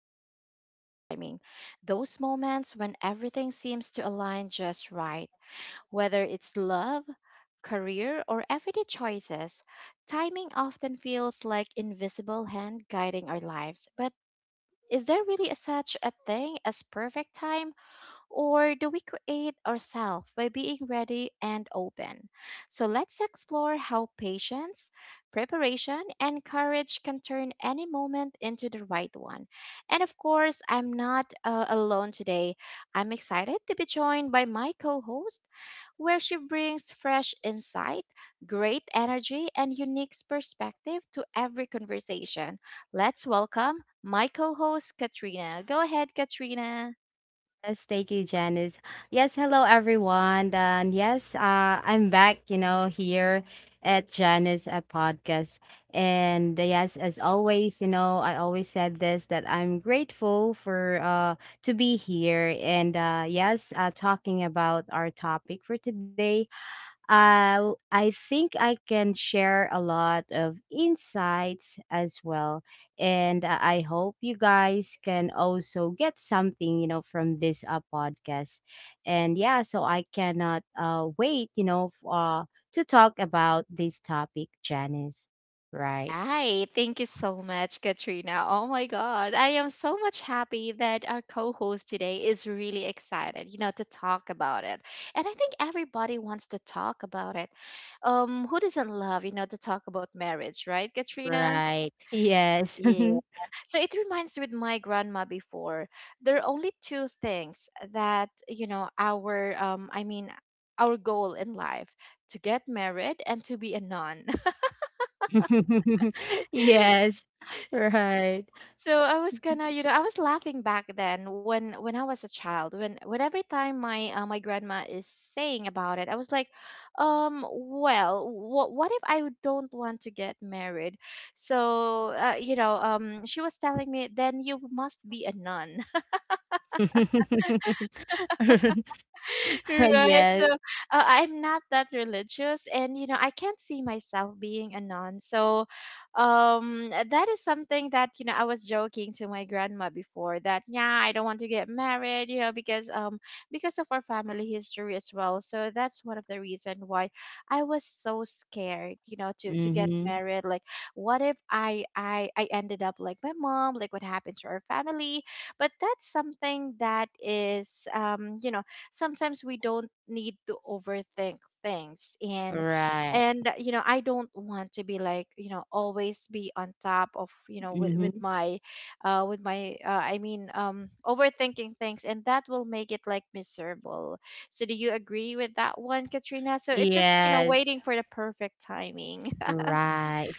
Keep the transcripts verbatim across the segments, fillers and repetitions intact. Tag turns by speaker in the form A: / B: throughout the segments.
A: of perfect timing. Those moments when everything seems to align just right, whether it's love, career, or everyday choices. Timing often feels like invisible hand guiding our lives. But is there really a, such a thing as perfect time? Or do we create ourselves by being ready and open? So let's explore how patience, preparation, and courage can turn any moment into the right one. And of course, I'm not uh, alone today. I'm excited to be joined by my co host, where she brings fresh insight, great energy, and unique perspective to every conversation. Let's welcome my co host, Katrina. Go ahead, Katrina.
B: Yes, thank you, Janice. Yes, hello everyone. And yes, uh, I'm back, you know, here at Janice a podcast. And uh, yes, as always, you know, I always said this that I'm grateful for uh to be here and uh yes, uh talking about our topic for today. uh, I think I can share a lot of insights as well. And uh, I hope you guys can also get something, you know, from this uh, podcast. And yeah, so I cannot uh, wait, you know, f- uh, to talk about this topic, Janice. Right,
A: Right. Thank you so much, Katrina. Oh my God. I am so much happy that our co host today is really excited, you know, to talk about it. And I think everybody wants to talk about it. Um, who doesn't love, you know, to talk about marriage, right, Katrina?
B: right. Yes.
A: Yeah. So it reminds me with my grandma before. There are only two things that, you know, our um I mean our goal in life to get married and to be a nun.
B: Yes, right.
A: So I was gonna, you know, I was laughing back then when when I was a child. When when every time my uh, my grandma is saying about it, I was like, um, well, what what if I don't want to get married? So uh, you know, um, she was telling me then you must be a nun. Right. So
B: Yes.
A: uh, I'm not that religious, and you know I can't see myself being a nun. So um, that is something that you know I was joking to my grandma before that yeah, I don't want to get married, you know, because um because of our family history as well. So that's one of the reason why I was so scared, you know, to to get
B: Mm-hmm.
A: married. Like, what if i i i ended up like my mom, like what happened to our family? But that's something that is um, you know, sometimes we don't need to overthink things. and
B: Right.
A: and uh, you know, I don't want to be like, you know, always be on top of, you know, with with
B: Mhm.
A: my uh with my uh, i mean um overthinking things, and that will make it like miserable. So do you agree with that one, Katrina? So it's just, you know,
B: Yes,
A: waiting for the perfect timing.
B: right.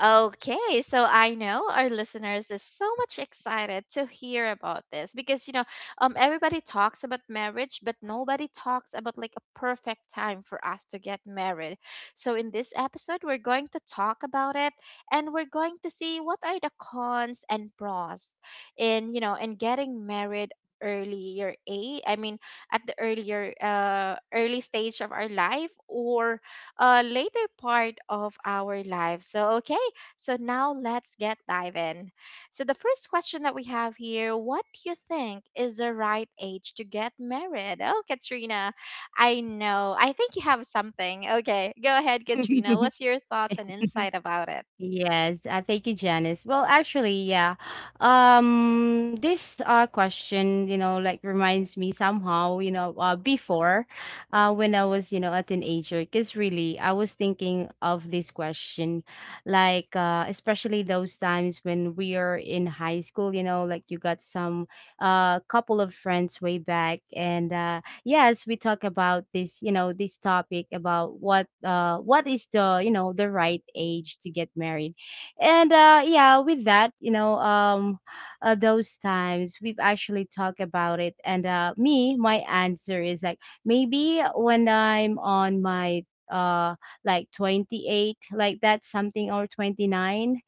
A: Okay, so I know our listeners is so much excited to hear about this because you know, um, everybody talks about marriage, but nobody talks about like a perfect time for us to get married. So in this episode, we're going to talk about it, and we're going to see what are the cons and pros in, you know, in getting married earlier a I mean at the earlier uh early stage of our life or a later part of our life. So, okay, so now let's get dive in. So the first question that we have here, what do you think is the right age to get married? Oh, Katrina, I know. I think you have something. Okay, go ahead, Katrina. What's your thoughts and insight about it?
B: Yes, uh, Thank you, Janice. Well, actually, yeah. Um, this uh question, you know, like reminds me somehow, you know, uh, before, uh, when I was, you know, a teenager, because really, I was thinking of this question, like, uh, especially those times when we are in high school, you know, like you got some, uh, couple of friends way back, and uh, yes, we talk about this, you know, this topic about what uh what is the, you know, the right age to get married. And uh yeah with that, you know, um uh, those times we've actually talked about it, and uh me, my answer is like maybe when I'm on my uh, like twenty-eight, like that, something, or twenty-nine.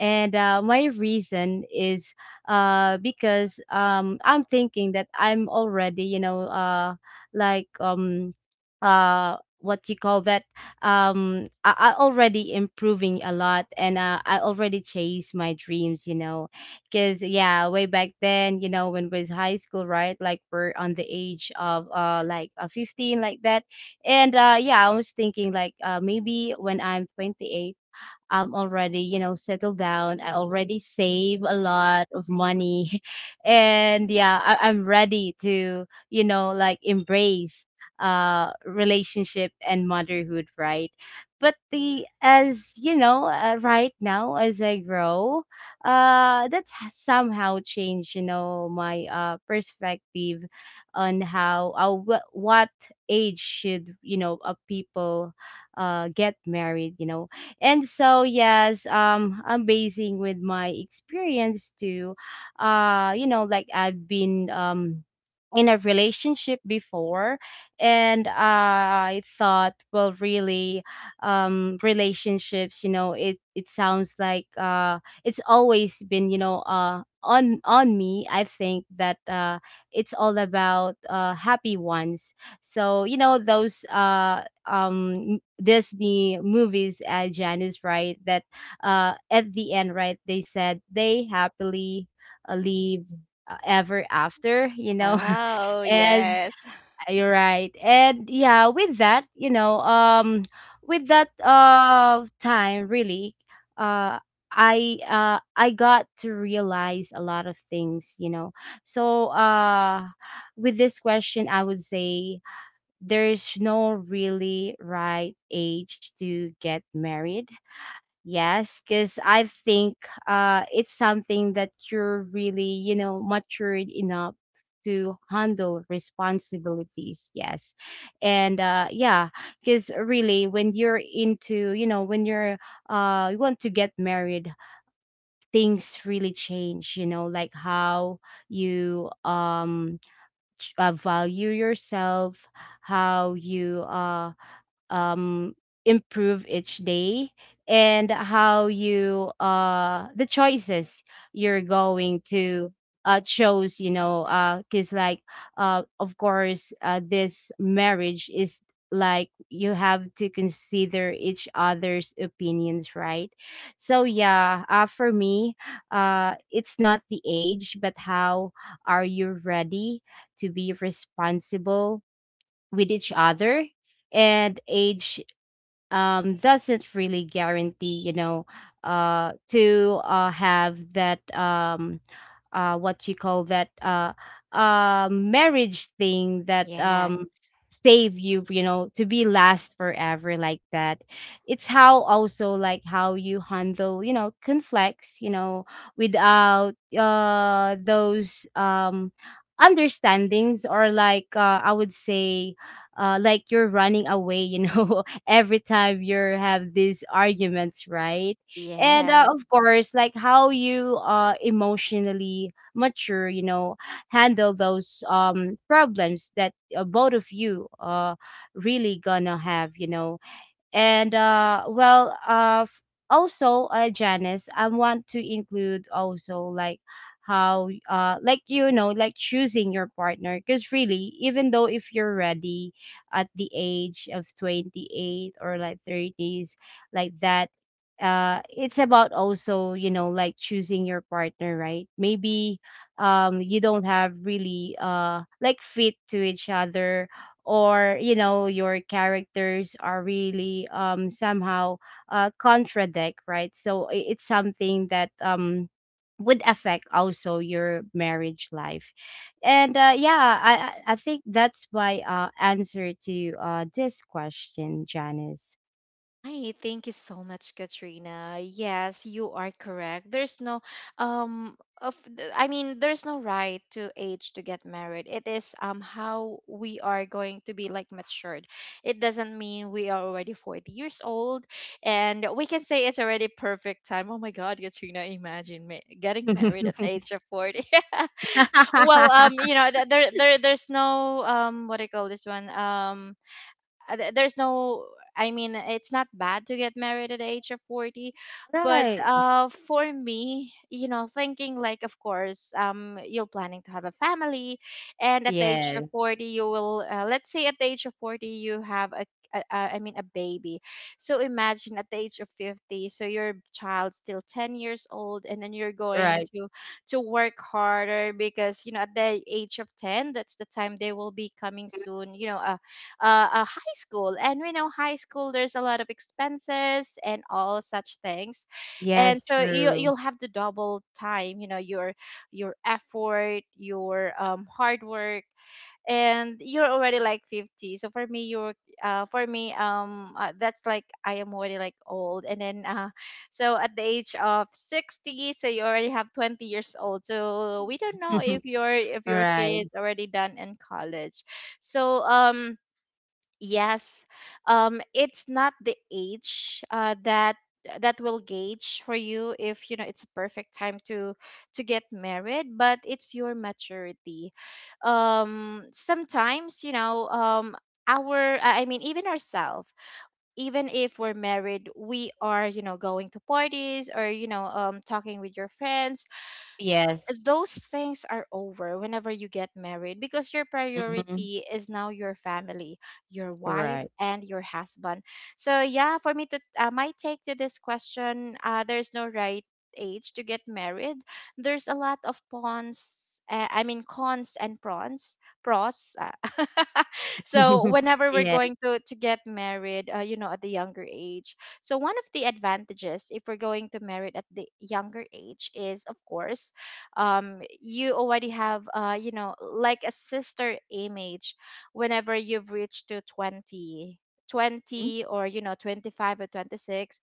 B: And uh, My reason is uh, because um, I'm thinking that I'm already, you know, uh, like um, uh, what you call that? Um, I, I already improving a lot, and uh, I already chase my dreams, you know, because yeah, way back then, you know, when was high school, right? Like we're on the age of uh, like uh, fifteen, like that, and uh, yeah, I was thinking like uh, maybe when I'm twenty-eight I'm already, you know, settled down. I already save a lot of money. And yeah, I- I'm ready to, you know, like embrace uh relationship and motherhood, right? But the, as you know, uh, right now as I grow, uh that has somehow changed, you know, my uh perspective on how uh, wh- what age should, you know, uh, people uh get married, you know. And so yes, um, amazing with my experience too. Uh you know, like I've been um, in a relationship before, and uh, I thought, well, really, um relationships, you know, it it sounds like uh, it's always been, you know, uh on on me. I think that uh it's all about uh, happy ones. So, you know, those uh um Disney movies as Janice, right? That uh, at the end, right, they said they happily uh, live uh, ever after, you know.
A: Oh,
B: As
A: yes.
B: you're right. And yeah, with that, you know, um with that uh time really, uh I uh I got to realize a lot of things, you know. So uh with this question, I would say there's no really right age to get married. Yes, because I think uh, it's something that you're really, you know, matured enough to handle responsibilities. Yes. And uh, yeah, because really, when you're into, you know, when you're, uh, you want to get married, things really change, you know, like how you um, ch- uh, value yourself, how you, uh, um, improve each day, and how you uh the choices you're going to uh chose, you know, uh because like uh, of course uh, this marriage is, like, you have to consider each other's opinions, right? So yeah, uh, for me, uh it's not the age, but how are you ready to be responsible with each other. And age um, doesn't really guarantee, you know, uh, to uh, have that um, uh, what you call that, uh, uh, marriage thing that
A: Yeah.
B: um, save you, you know, to be last forever, like that. It's how also, like, how you handle, you know, conflicts, you know, without uh those um, understandings, or like uh, I would say, uh, like you're running away, you know, every time you have these arguments, right? And
A: Yeah.
B: uh, of course, like how you uh, emotionally mature, you know, handle those um, problems that uh, both of you uh, really gonna have, you know. And uh, well, uh, f- also, uh, Janice, I want to include also like how, uh, like, you know, like choosing your partner. Because really, even though if you're ready at the age of twenty-eight, or like thirties, like that, uh, it's about also, you know, like choosing your partner, right? Maybe um, you don't have really uh, like fit to each other, or, you know, your characters are really um, somehow uh, contradict, right? So i- it's something that um, would affect also your marriage life. And uh yeah i i I think that's my uh answer to uh this question, Janice.
A: Right. Thank you so much, Katrina. Yes, you are correct. There's no um, of the- I mean, there's no right to age to get married. It is um, how we are going to be like matured. It doesn't mean we are already forty years old and we can say it's already perfect time. Oh my god, Katrina, imagine ma- getting married at the age of forty. Well, um, you know, th- there there there's no um, what do you call this one? Um uh, th- there's no, I mean, it's not bad to get married at the age of forty. But
B: Right.
A: uh, for me, you know, thinking, like, of course, um, you're planning to have a family, and at the age
B: Yes,
A: of forty, you will uh, let's say at the age of forty, you have a a- a- I mean, a baby. So imagine at the age of fifty, so your child's still ten years old, and then you're going
B: right.
A: to to work harder because you know at the age of ten, that's the time they will be coming soon, you know, uh, uh, a high school, and we know high school, there's a lot of expenses and all such things. And
B: Yes,
A: so you
B: true.
A: you'll have to double time, you know, your your effort, your um, hard work, and you're already like fifty. So for me, you're uh, for me um uh, that's like I am already like old. And then uh, so at the age of sixty, so you already have twenty years old, so we don't know if your if your
B: Right.
A: kids already done in college. So um, yes, um, it's not the age uh, that that will gauge for you if you know it's a perfect time to to get married, but it's your maturity. Um, sometimes you know, um, our I I mean, even ourselves, even if we're married, we are, you know, going to parties or you know um, talking with your friends.
B: Yes.
A: Those things are over whenever you get married because your
B: Hmm.
A: priority is now your family, your wife,
B: Right.
A: and your husband. So, yeah, for me to uh, my take to this question, uh, there's no right age to get married. There's a lot of pawns, uh, I mean, cons and prawns, pros. Uh, so, whenever we're
B: Yes.
A: going to, to get married, uh, you know, at the younger age. So, one of the advantages if we're going to married at the younger age is, of course, um, you already have uh, you know, like a sister image whenever you've reached to twenty twenty or you know twenty-five or twenty-six.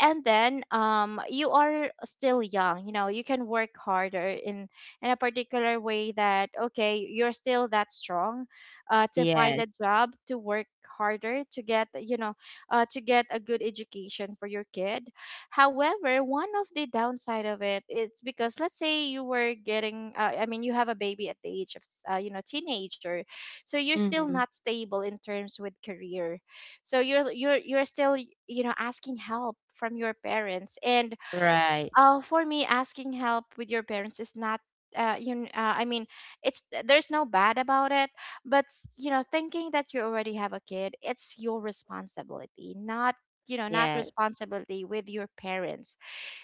A: And then um, you are still young, you know, you can work harder in in a particular way that okay, you're still that strong uh, to find
B: Yes.
A: a job, to work harder, to get, you know, uh, to get a good education for your kid. However, one of the downside of it is because let's say you were getting, uh, I mean, you have a baby at the age of, s- uh, you know, teenager, so you're still
B: Mhm.
A: not stable in terms with career. So you're you're you're still, you know, asking help from your parents. And
B: Right.
A: uh, for me, asking help with your parents is not. Uh, you, kn- uh, I mean, it's there's no bad about it, but s- you know, thinking that you already have a kid, it's your responsibility, not, you know, not
B: Yes.
A: responsibility with your parents.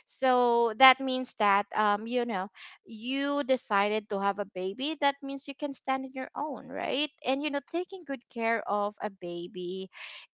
A: So that means that um, you know, you decided to have a baby. That means you can stand on your own, right? And you know, taking good care of a baby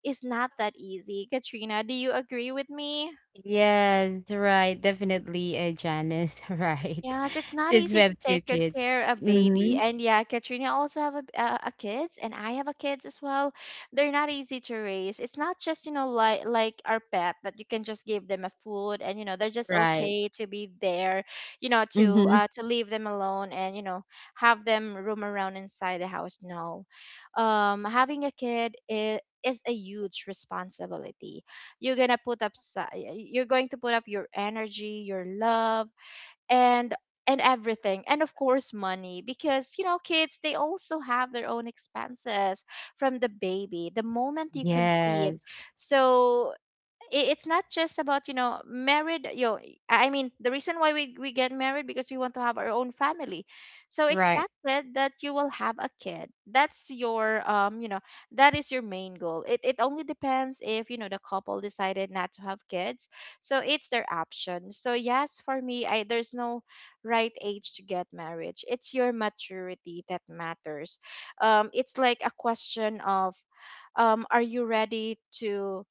A: is not that easy. Katrina, do you agree with me?
B: Yes, right. Definitely, uh, Janice. Right.
A: Yes, it's not
B: Since we
A: easy to
B: have two
A: take good
B: kids.
A: care of baby.
B: Mm-hmm.
A: And yeah, Katrina also have a, a, a kids, and I have a kids as well. They're not easy to raise. It's not just, you know, like like our pet that you can just give them a food, and you know, they're just
B: Right.
A: okay to be there, you know, to
B: Mm-hmm.
A: uh to leave them alone, and you know, have them roam around inside the house. No. Um, having a kid is is a huge responsibility. You're gonna put up, si- you're going to put up your energy, your love, and and everything, and of course money, because you know, kids, they also have their own expenses from the baby the moment you conceive.
B: Yes.
A: So i- it's not just about, you know, married yo I mean the reason why we, we get married because we want to have our own family. So
B: Right.
A: expected that you will have a kid. That's your um, you know, that is your main goal. It, it only depends if you know the couple decided not to have kids. So it's their option. So yes, for me, I there's no right age to get marriage. It's your maturity that matters. Um, it's like a question of um, are you ready to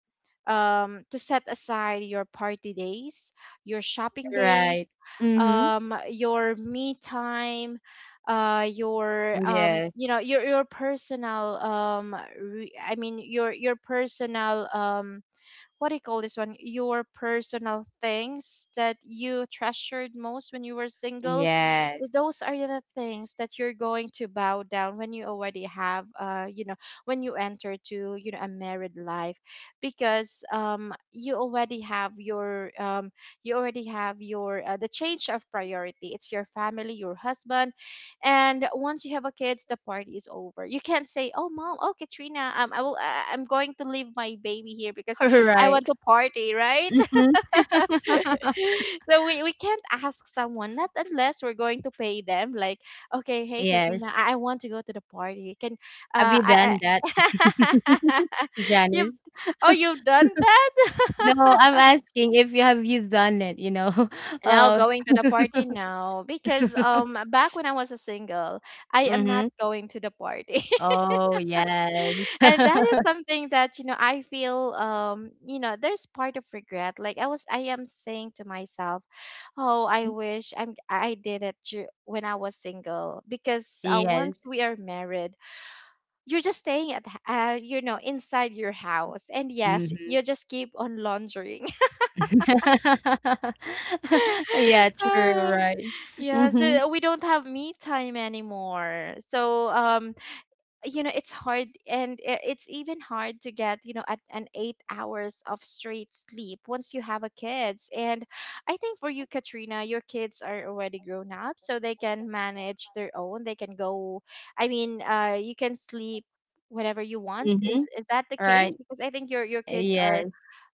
A: um, to set aside your party days, your shopping days,
B: Right. Mm-hmm.
A: um, your me time, uh, your um,
B: Yes.
A: you know, your your personal um, re- I mean your your personal um, what do you call this one? Your personal things that you treasured most when you were single.
B: Yes.
A: Those are the things that you're going to bow down when you already have, uh, you know, when you enter to, you know, a married life, because um, you already have your, um, you already have your uh, the change of priority. It's your family, your husband, and once you have a kids, the party is over. You can't say, "Oh, mom, oh Katrina, um, I will, I, I'm going to leave my baby here because I want
B: Right.
A: to party, right?"
B: Mm-hmm.
A: so we, we can't ask someone, not unless we're going to pay them. Like, okay, hey
B: Yes.
A: Katrina, I, I want to go to the party. Can
B: Have
A: uh
B: you
A: I,
B: done
A: I
B: that,
A: you've
B: Janice?
A: oh you've done that?
B: No, I'm asking if you have you done it, you know.
A: Now
B: Uh,
A: going to the party? No. Because um back when I was a single, I am not
B: mhm.
A: going to the party.
B: Oh, yes.
A: And that is something that you know I feel um you know there's part of regret, like i was I am saying to myself, oh I wish i'm I did it dur- when I was single because uh, once
B: Yes.
A: we are married you're just staying at h- uh, you know inside your house, and yes
B: Mhm.
A: you just keep on laundering.
B: Yeah, true,
A: Ah,
B: right.
A: yeah,
B: Mhm.
A: so we don't have me time anymore, so um you know it's hard, and i- it's even hard to get you know at an eight hours of straight sleep once you have a kids. And I think for you Katrina, your kids are already grown up so they can manage their own, they can go, I mean uh you can sleep whenever you want. is
B: Mhm.
A: is that the case?
B: Right.
A: Because I think your your kids are,
B: Yes.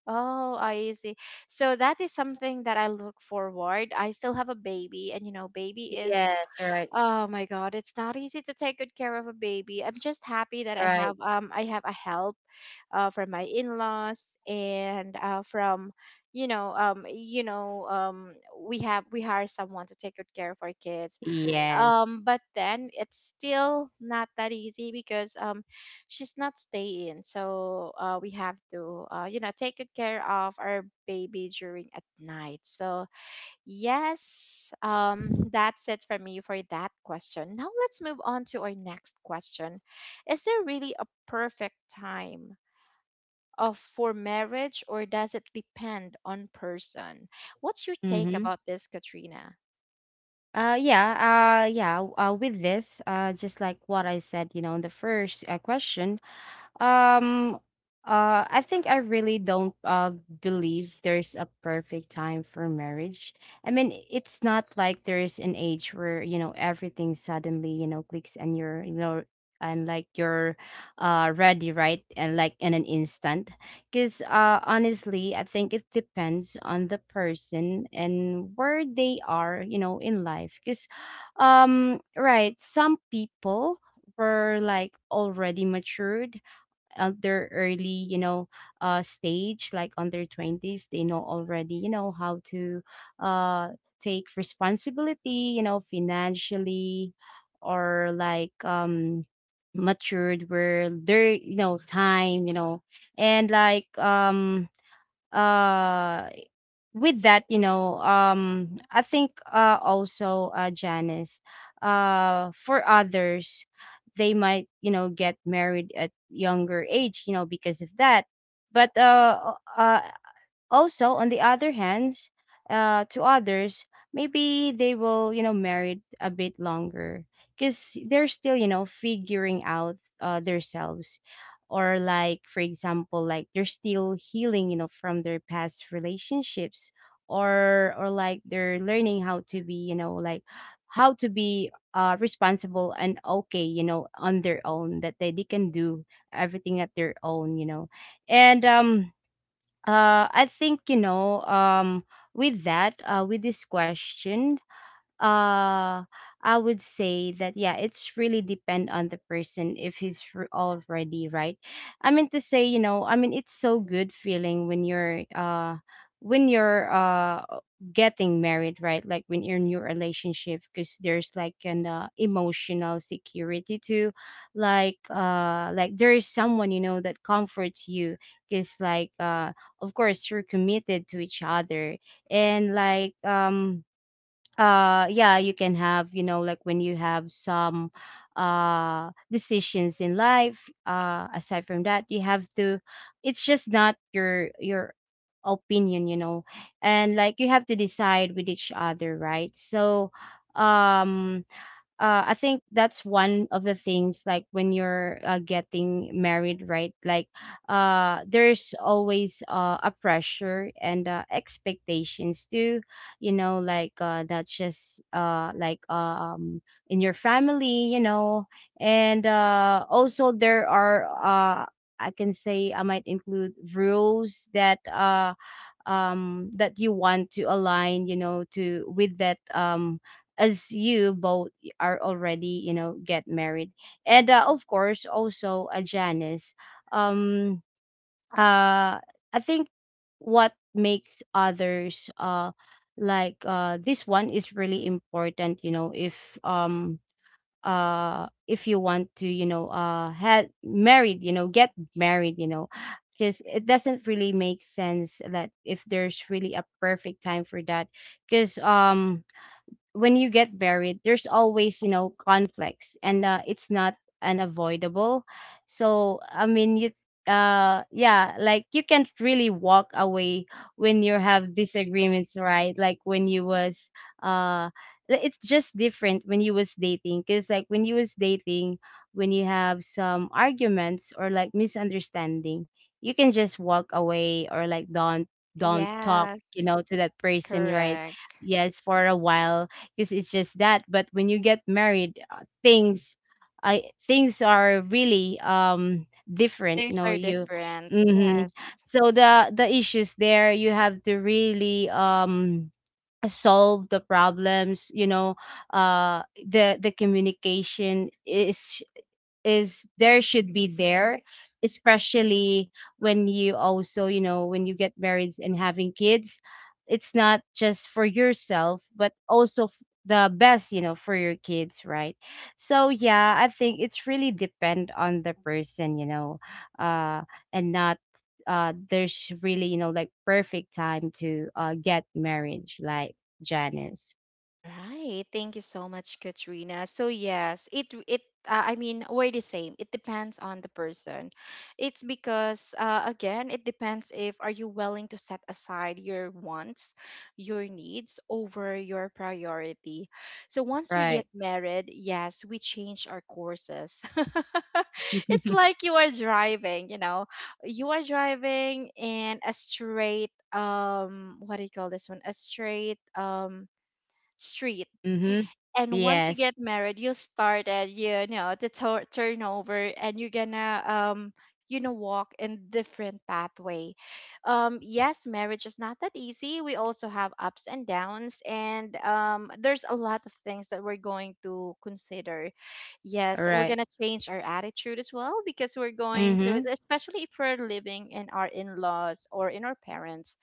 A: oh I see. So that is something that I look forward. I still have a baby, and you know baby is,
B: Yes, right.
A: oh my god, it's not easy to take good care of a baby. I'm just happy that I
B: Right.
A: have um I have a help uh from my in-laws and uh from you know um you know um We have we hire someone to take good care of our kids.
B: Yes.
A: Um but then it's still not that easy because um she's not staying. So uh we have to uh you know take good care of our baby during at night. So yes, um, that's it for me for that question. Now let's move on to our next question. Is there really a perfect time of for marriage, or does it depend on person? What's your take
B: Mhm.
A: about this, Katrina?
B: Uh yeah, uh yeah, uh with this, uh, just like what I said, you know, in the first uh, question, Um, uh, I think I really don't uh, believe there's a perfect time for marriage. I mean, it's not like there's an age where, you know, everything suddenly, you know, clicks, and you're, you know, and like you're uh ready, right? And like in an instant. Because uh honestly, I think it depends on the person and where they are, you know, in life. Because um, right, some people were like already matured at their early, you know, uh stage, like on their twenties. They know already, you know, how to uh take responsibility, you know, financially, or like um, matured where their, you know, time, you know, and like um, uh with that, you know, um, I think uh, also, uh, Janice, uh, for others, they might, you know, get married at younger age, you know, because of that. But uh, uh, also, on the other hand, uh, to others, maybe they will, you know, marry a bit longer because they're still, you know, figuring out uh, themselves, or like, for example, like they're still healing, you know, from their past relationships, or or like they're learning how to be, you know, like how to be uh, responsible and okay, you know, on their own, that they, they can do everything at their own, you know. And um uh, I think you know. Um, with that, uh, with this question, uh I would say that yeah, it's really depend on the person if he's r- already right. I mean to say, you know, I mean it's so good feeling when you're uh when you're uh getting married, right? Like when you're in your relationship, because there's like an uh, emotional security too, like uh, like there is someone, you know, that comforts you, because like uh, of course you're committed to each other, and like um, uh, yeah, you can have, you know, like when you have some uh decisions in life, uh, aside from that, you have to, it's just not your your opinion, you know, and like you have to decide with each other, right? So um, uh, I think that's one of the things like when you're uh, getting married, right? Like, uh, there's always uh, a pressure and uh, expectations too. You know, like uh, that's just uh, like um, in your family, you know, and uh, also there are uh, I can say, I might include rules that uh um that you want to align, you know, to with that um, as you both are already, you know, get married. And uh, of course, also, uh, Janice, um uh I think what makes others uh, like uh, this one is really important, you know, if um, uh, if you want to, you know, uh had married you know get married, you know. Because it doesn't really make sense that if there's really a perfect time for that, because um, when you get married, there's always, you know, conflicts and uh, it's not unavoidable. So, I mean, you, uh, yeah, like you can't really walk away when you have disagreements, right? Like when you was, uh, li- it's just different when you was dating, because like when you was dating, when you have some arguments or like misunderstanding, you can just walk away, or like don't, don't talk, you
A: Yes,
B: know, to that person, right?
A: correct.
B: Yes, for a while, because it's just that. But when you get married, uh, things, I things are really um, different.
A: Things
B: No,
A: are
B: you.
A: different. Yes.
B: hmm So the the issues there, you have to really um solve the problems. You know, uh, the the communication is is there, should be there, especially when you also you know when you get married and having kids, it's not just for yourself but also f- the best you know for your kids, right? So yeah, I think it's really depend on the person, you know uh and not, uh there's really, you know like, perfect time to uh get marriage, like, Janice.
A: All right. Thank you so much, Katrina. So yes, it it uh, I mean we're the same. It depends on the person. It's because uh, again, it depends if are you willing to set aside your wants, your needs over your priority. So once we
B: Right.
A: get married, yes, we change our courses. It's like you are driving. You know, you are driving in a straight um what do you call this one? A straight um street.
B: Mhm.
A: And once you
B: Yes.
A: get married, you started, you know, the to- turnover, and you're gonna, um, you know, walk in different pathway. Um, yes, marriage is not that easy. We also have ups and downs, and um, there's a lot of things that we're going to consider. Yes, we're
B: Right.
A: gonna change our attitude as well because we're going to,
B: Mhm.
A: especially if we're living in our in-laws or in our parents,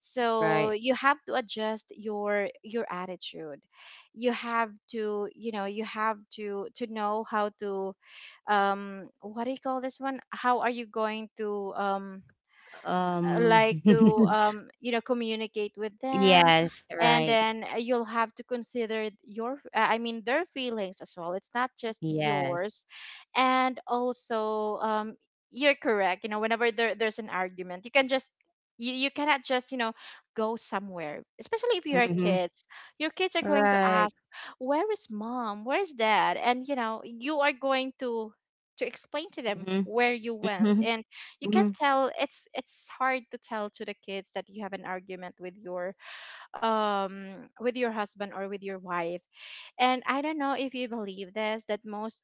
A: so
B: Right.
A: you have to adjust your your attitude. You have to you know you have to to know how to um what do you call this one? How are you going to um uh,
B: Um.
A: like to um, you know communicate with them?
B: Yes.
A: And
B: Right.
A: then uh, you'll have to consider your uh, I mean their feelings as well, it's not just
B: Yes.
A: yours. And also, um, you're correct, you know whenever there, there's an argument, you can just, you, you cannot just you know go somewhere, especially if you're
B: Mhm.
A: kids, your kids are going to
B: Right.
A: ask, where is mom, where is dad? And you know you are going to to explain to them
B: Mhm.
A: where you went.
B: Mhm.
A: And you can
B: Mhm.
A: tell it's it's hard to tell to the kids that you have an argument with your um with your husband or with your wife. And I don't know if you believe this, that most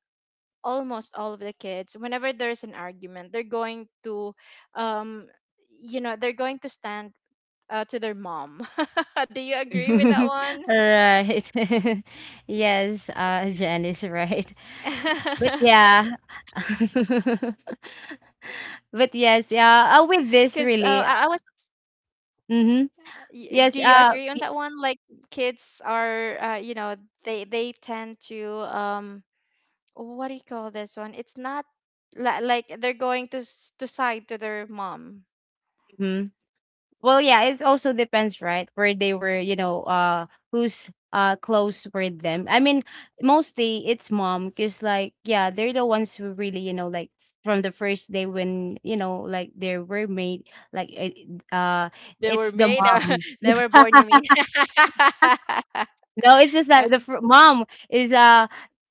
A: almost all of the kids whenever there's an argument, they're going to um you know they're going to stand uh, to their mom. Do you agree with that one?
B: Right. Yes, uh, Jen is right. But yeah. But yes, yeah. Uh,
A: Because uh,
B: with this
A: I, I was,
B: really. uh, Mm-hmm.
A: y- do you
B: Yes,
A: agree
B: uh,
A: on that one, like kids are uh, you know, they they tend to um what do you call this one? It's not li- like they're going to s- to side to their mom.
B: mhm. Well, yeah, it also depends, right? Where they were, you know, uh, who's uh close with them. I mean, mostly it's mom, 'cause like, yeah, they're the ones who really, you know, like, from the first day when, you know, like, they were made, like, it- uh,
A: They
B: it's
A: were
B: the
A: made. Uh,
B: mom.
A: they were born, you mean?
B: No, it's just that the fr- mom is uh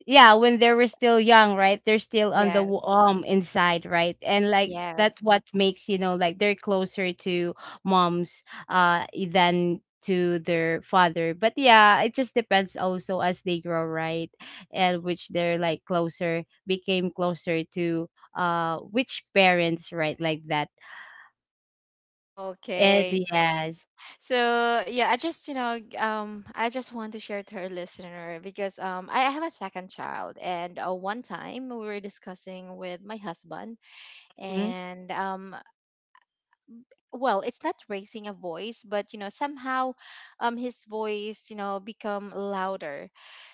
B: yeah, when they were still young, right? They're still on the
A: Yes.
B: w- um inside, right? And like
A: Yes.
B: that's what makes, you know, like, they're closer to moms, uh e, than to their father. But yeah, it just depends also as they grow, right? And which they're like closer, became closer to uh which parents, right? Like that. And
A: Okay.
B: yes.
A: So yeah, I just you know g- um I just want to share to her listener because um I I have a second child, and uh, one time we were discussing with my husband,
B: Mhm.
A: and um well it's not raising a voice, but you know somehow um his voice you know become louder.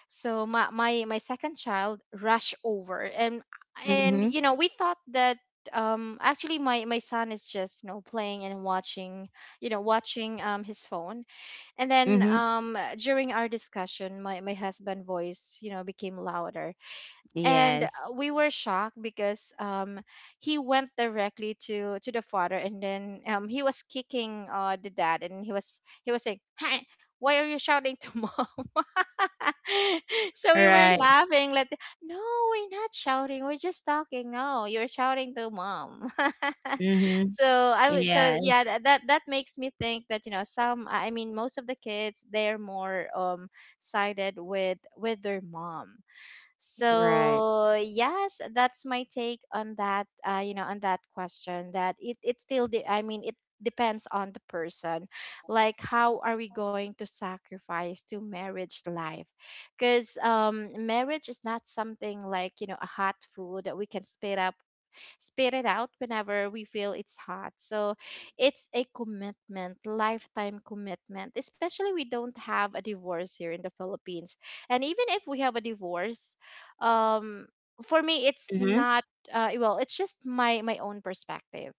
A: So my my, my second child rushed over. and and
B: Mhm.
A: you know we thought that um actually my my son is just you know playing and watching, you know watching um his phone. And then
B: Mhm.
A: um during our discussion my my husband voice you know became louder. And uh,
B: Yes.
A: we were shocked because um, he went directly to to the father, and then um, he was kicking uh, the dad, and he was he was saying, hey, why are you shouting to mom? So
B: All
A: we were
B: right.
A: laughing like, no, we're not shouting, we're just talking, no, you're shouting to mom.
B: Mm-hmm.
A: So I would, so
B: Yes,
A: yeah, that, that that makes me think that you know some, I mean most of the kids, they're more um sided with with their mom.
B: right.
A: So yes, that's my take on that. Uh, you know, on that question, that it it still, De- I mean, it depends on the person. Like, how are we going to sacrifice to marriage life? Because um, marriage is not something like you know a hot food that we can spit up spit it out whenever we feel it's hot. So it's a commitment, lifetime commitment, especially we don't have a divorce here in the Philippines. And even if we have a divorce, um, for me, it's
B: Mhm,
A: not, uh, well, it's just my, my own perspective.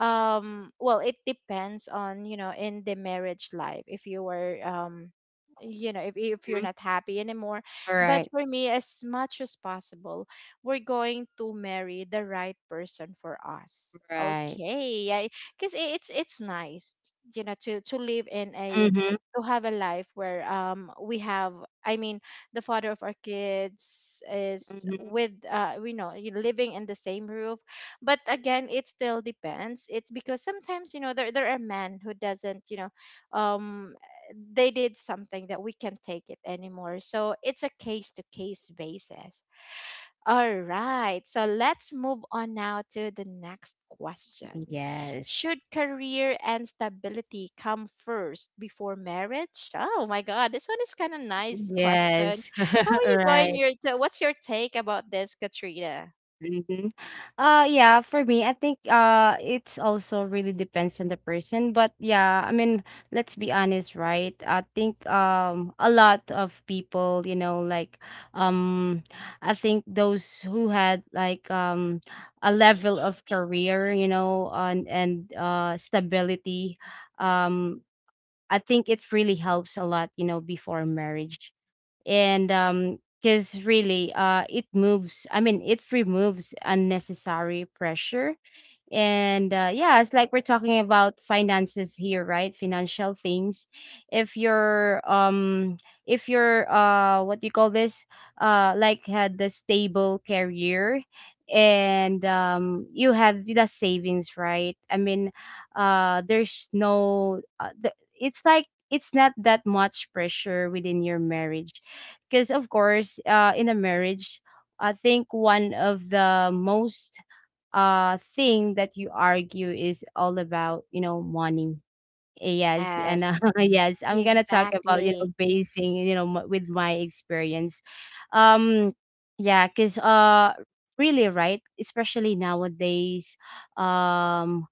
A: um Well it depends on you know in the marriage life, if you were um you know if, if you're
B: mhm.
A: not happy anymore. But
B: Right,
A: for me, as much as possible, we're going to marry the right person for us,
B: right.
A: okay? Because it's it's nice, you know, to to live in a,
B: Mhm,
A: to have a life where um we have, I mean, the father of our kids is
B: mhm.
A: with uh we know you know living in the same roof. But again it still depends, it's because sometimes you know there, there are men who doesn't you know um they did something that we can't take it anymore, so it's a case to case basis. All right, so let's move on now to the next question.
B: Yes.
A: Should career and stability come first before marriage? Oh my god, this one is kind of nice question.
B: Yes.
A: How are you going
B: Right.
A: your t- what's your take about this, Katrina?
B: Mhm. Uh yeah, for me, I think uh it's also really depends on the person, but yeah, I mean, let's be honest, right? I think um a lot of people, you know, like, um I think those who had, like, um a level of career, you know, and and uh stability, um I think it really helps a lot, you know, before marriage. And um because really, uh it moves I mean it removes unnecessary pressure. And uh, yeah, it's like we're talking about finances here, right? Financial things. If you're um if you're uh What do you call this? Uh like, had the stable career, and um you have the savings, right? I mean, uh there's no, uh, the, it's like, it's not that much pressure within your marriage, because, of course, uh in a marriage, I think one of the most uh thing that you argue is all about, you know money. Yes, and uh,
A: Yes,
B: yes, I'm gonna talk about, you know
A: exactly.
B: basing, you know m- with my experience. um yeah, because uh really, right? Especially nowadays, um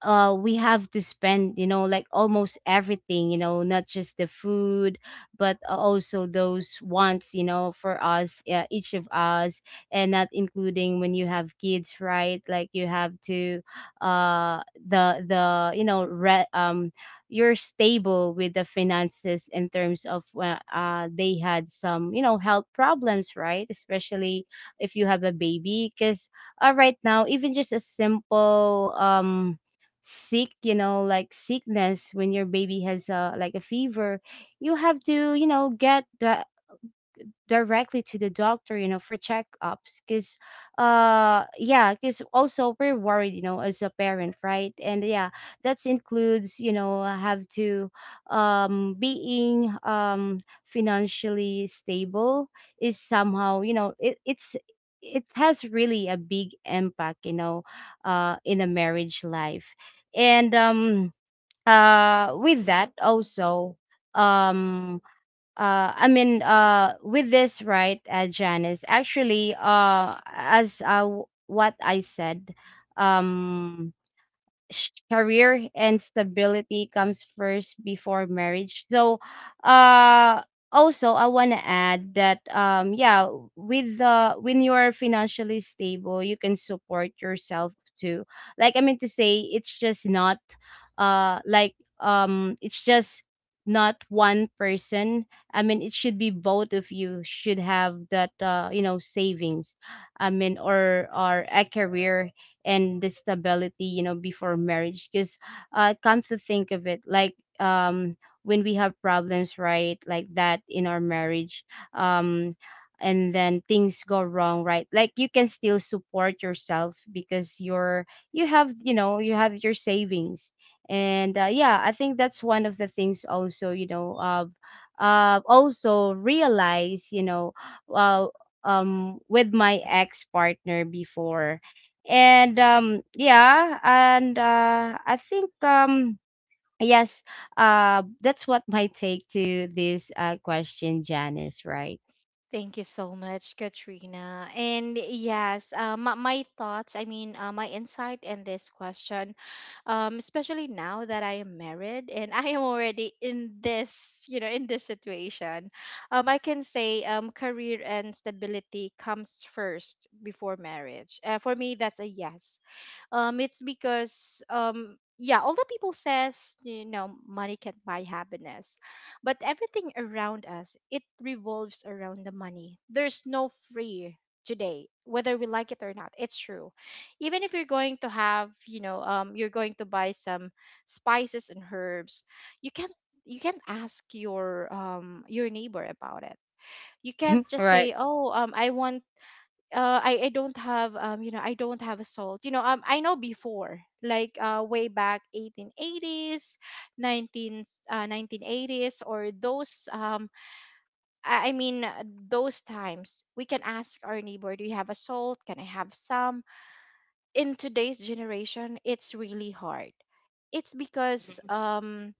B: uh we have to spend, you know like, almost everything, you know not just the food, but a- also those wants, you know for us, uh, each of us. And not including when you have kids, right? Like, you have to uh the the you know re- um you're stable with the finances in terms of, uh, uh they had some, you know health problems, right? Especially if you have a baby, because uh, right now, even just a simple, um sick you know like sickness, when your baby has, uh, like, a fever, you have to, you know get the directly to the doctor, you know for checkups, because uh yeah, because also we're worried, you know as a parent, right? And yeah, that includes, you know have to um being, um financially stable is somehow, you know it, it's it has really a big impact, you know uh in a marriage life. And um uh with that also, um uh I mean, uh with this right, uh, Janice, actually, uh as uh w- what I said, um sh- career and stability comes first before marriage. So, uh, also, I want to add that, um, yeah, with the when you are financially stable, you can support yourself too. Like, I mean to say, it's just not, uh, like um, it's just not one person. I mean, it should be, both of you should have that, uh you know savings. I mean, or or a career, and the stability, you know before marriage, because uh come to think of it, like, um when we have problems, right? Like that, in our marriage, um and then things go wrong, right? Like, you can still support yourself because you're you have you know you have your savings. And uh, yeah, I think that's one of the things also, you know of uh, also realize, you know uh, um with my ex partner before. And um yeah, and uh I think, um yes, uh that's what my take to this, uh question, Janice, right?
A: Thank you so much, Katrina. And yes, uh, my, my thoughts, I mean, uh, my insight in this question, um, especially now that I am married, and I am already in this, you know, in this situation, um, I can say um, career and stability comes first before marriage. Uh, for me, that's a yes. Um it's because um yeah, all people says you know money can't buy happiness. But everything around us, it revolves around the money. There's no free today, whether we like it or not. It's true. Even if you're going to have, you know, um, you're going to buy some spices and herbs, you can't, you can't ask your um your neighbor about it. You can't
B: Mhm.
A: just
B: Right.
A: say, "Oh, um, I want uh, I, I don't have um you know I don't have a salt." You know um I know before, like uh way back eighteen eighties, nineteen uh, nineteen eighties or those um I I mean uh, those times we can ask our neighbor, do you have a salt? Can I have some? In today's generation, it's really hard. It's because um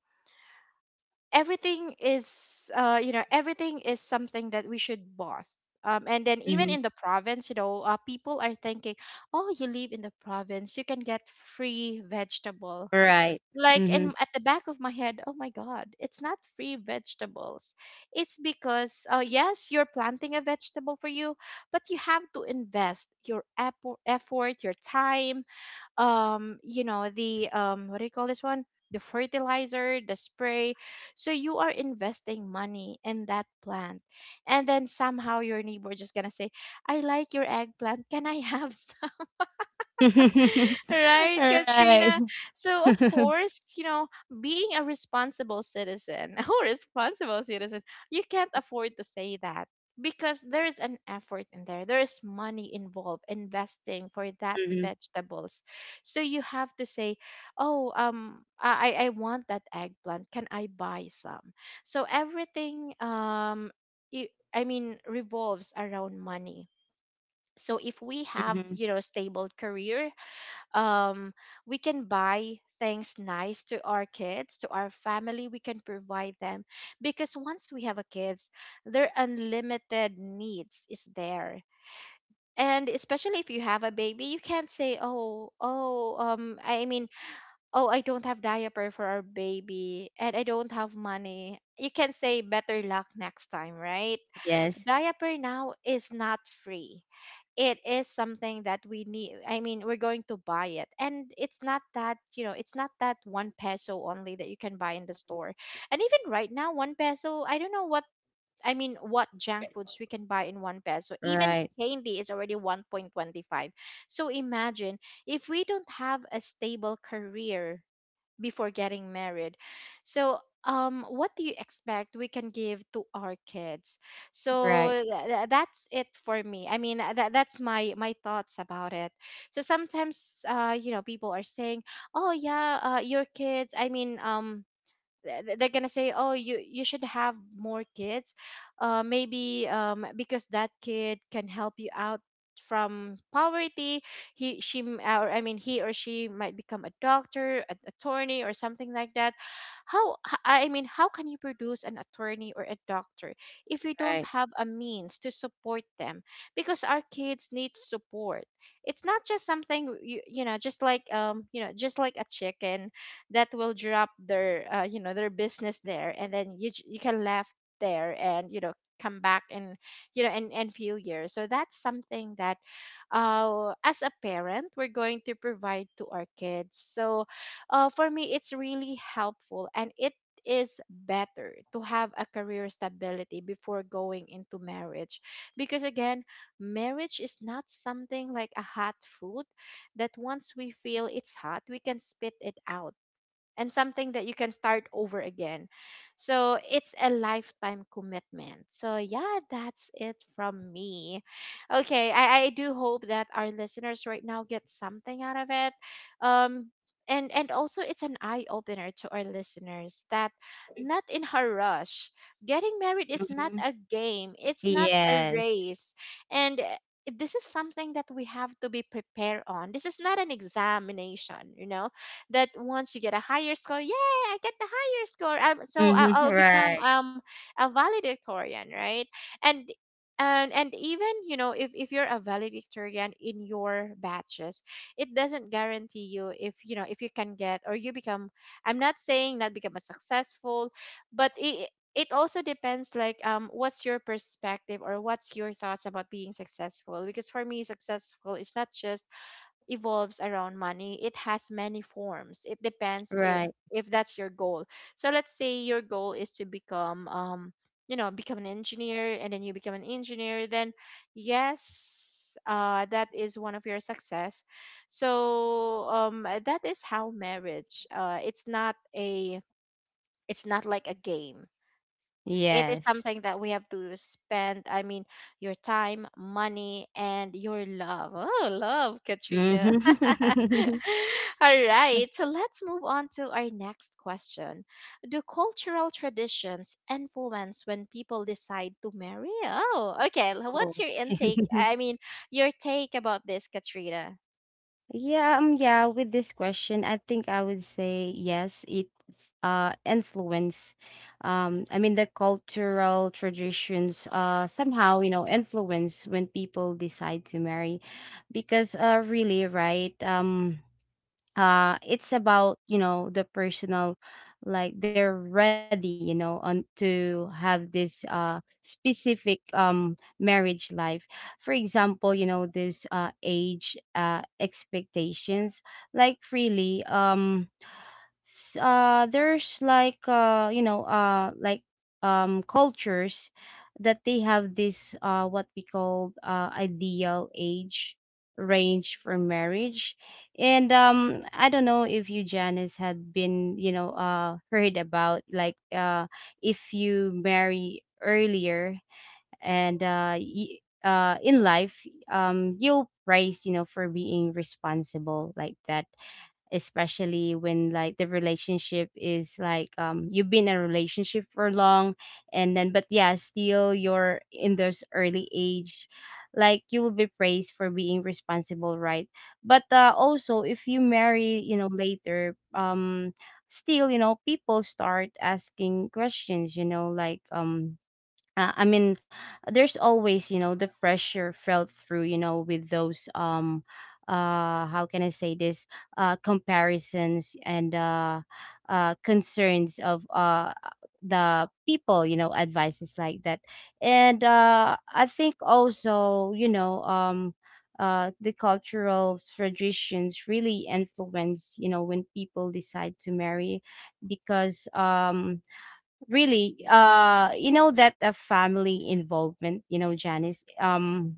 A: everything is uh you know everything is something that we should both, um, and then even
B: Mm-hmm.
A: in the province you know uh, people are thinking, oh you live in the province, you can get free vegetable,
B: Right.
A: like,
B: Mm-hmm.
A: and at the back of my head, oh my god, it's not free vegetables. It's because uh, yes you're planting a vegetable for you, but you have to invest your effo- effort, your time, um you know the um what do you call this one, the fertilizer, the spray, so you are investing money in that plant. And then somehow your neighbor just gonna say, I like your eggplant, can I have? Right,
B: Right.
A: Katrina. So, of course, you know, being a responsible citizen, oh, responsible citizen, you can't afford to say that because there is an effort in there. There is money involved investing for that
B: Hmm.
A: vegetables. So you have to say, "Oh, um, I I I want that eggplant. Can I buy some?" So everything, um, i- I mean, revolves around money. So if we have,
B: Hmm.
A: you know, stable career um we can buy things nice to our kids, to our family. We can provide them, because once we have a kids, their unlimited needs is there. And especially if you have a baby, you can't say, oh oh um i mean oh I don't have diaper for our baby and I don't have money. You can say better luck next time, right?
B: Yes.
A: Diaper now is not free. It is something that we need. I mean, we're going to buy it. And it's not that, you know, it's not that one peso only that you can buy in the store. And even right now, one peso, I don't know what, I mean, what junk foods we can buy in one peso. Even
B: Right.
A: candy is already one point twenty-five. So imagine if we don't have a stable career before getting married. So, um, what do you expect we can give to our kids? So
B: Right.
A: tha- tha- that's it for me. I mean, uh, that that's my my thoughts about it. So sometimes, uh, you know, people are saying, "Oh yeah, uh, your kids." I mean, um, th- they're gonna say, oh, you you should have more kids, uh maybe um because that kid can help you out from poverty. He she m- or I mean, he or she might become a doctor, an attorney, or something like that. how h- I mean, how can you produce an attorney or a doctor if you don't
B: Right.
A: have a means to support them? Because our kids need support. It's not just something you, you know just like um you know just like a chicken that will drop their uh, you know their business there, and then you j- you can left there, and you know come back in, you know in in few years. So that's something that, uh as a parent, we're going to provide to our kids. So, uh for me, it's really helpful, and it is better to have a career stability before going into marriage, because again, marriage is not something like a hot food that once we feel it's hot, we can spit it out, and something that you can start over again. So it's a lifetime commitment. So yeah, that's it from me. Okay, I, I do hope that our listeners right now get something out of it. Um and and also, it's an eye opener to our listeners that not in a rush. Getting married is not
B: Mm-hmm.
A: a game. It's not a
B: Yes.
A: race. And uh, this is something that we have to be prepared on. This is not an examination, you know, that once you get a higher score, yeah, I get the higher score. Um, so I'll,
B: Mm-hmm.
A: I'll become
B: Right.
A: um a valedictorian, right? And and and even, you know if if you're a valedictorian in your batches, it doesn't guarantee you if, you know if you can get, or you become. I'm not saying not become a successful, but it it also depends like um what's your perspective or what's your thoughts about being successful, because for me, successful is not just evolves around money. It has many forms. It depends if
B: Right.
A: if that's your goal. So let's say your goal is to become, um you know become an engineer, and then you become an engineer. Then yes, uh that is one of your success. So, um that is how marriage, uh it's not a it's not like a game. It is
B: Yes.
A: something that we have to spend, I mean, your time, money, and your love. Oh, love, Katrina.
B: Mm-hmm.
A: All right, so let's move on to our next question. Do cultural traditions influence when people decide to marry? Oh, okay. L-
B: Oh.
A: what's your intake, I mean, your take about this, Katrina?
B: Yeah, um, yeah, with this question, I think I would say yes, it's, uh influence. Um, I mean the cultural traditions uh somehow, you know, influence when people decide to marry, because uh really, right? Um uh it's about, you know the personal, like, they're ready, you know on to have this, uh specific, um marriage life. For example, you know this, uh age, uh expectations, like really, um s- uh there's like, uh you know uh like, um cultures that they have this, uh what we call, uh ideal age range for marriage. And um I don't know if you, Janice, had been, you know uh heard about, like, uh if you marry earlier, and uh y- uh in life, um you'll praise, you know for being responsible, like that, especially when, like, the relationship is like, um you've been in a relationship for long, and then, but yeah, still you're in this early age, like, you will be praised for being responsible, right? But uh, also, if you marry, you know later, um still, you know people start asking questions, you know like, um uh, I mean, there's always, you know, the pressure felt through, you know, with those, um uh how can I say this, uh comparisons and, uh uh concerns of, uh the people, you know, advices, like that. And uh I think also, you know, um uh, the cultural traditions really influence, you know when people decide to marry, because um really, uh you know that, uh, family involvement, you know Janice, um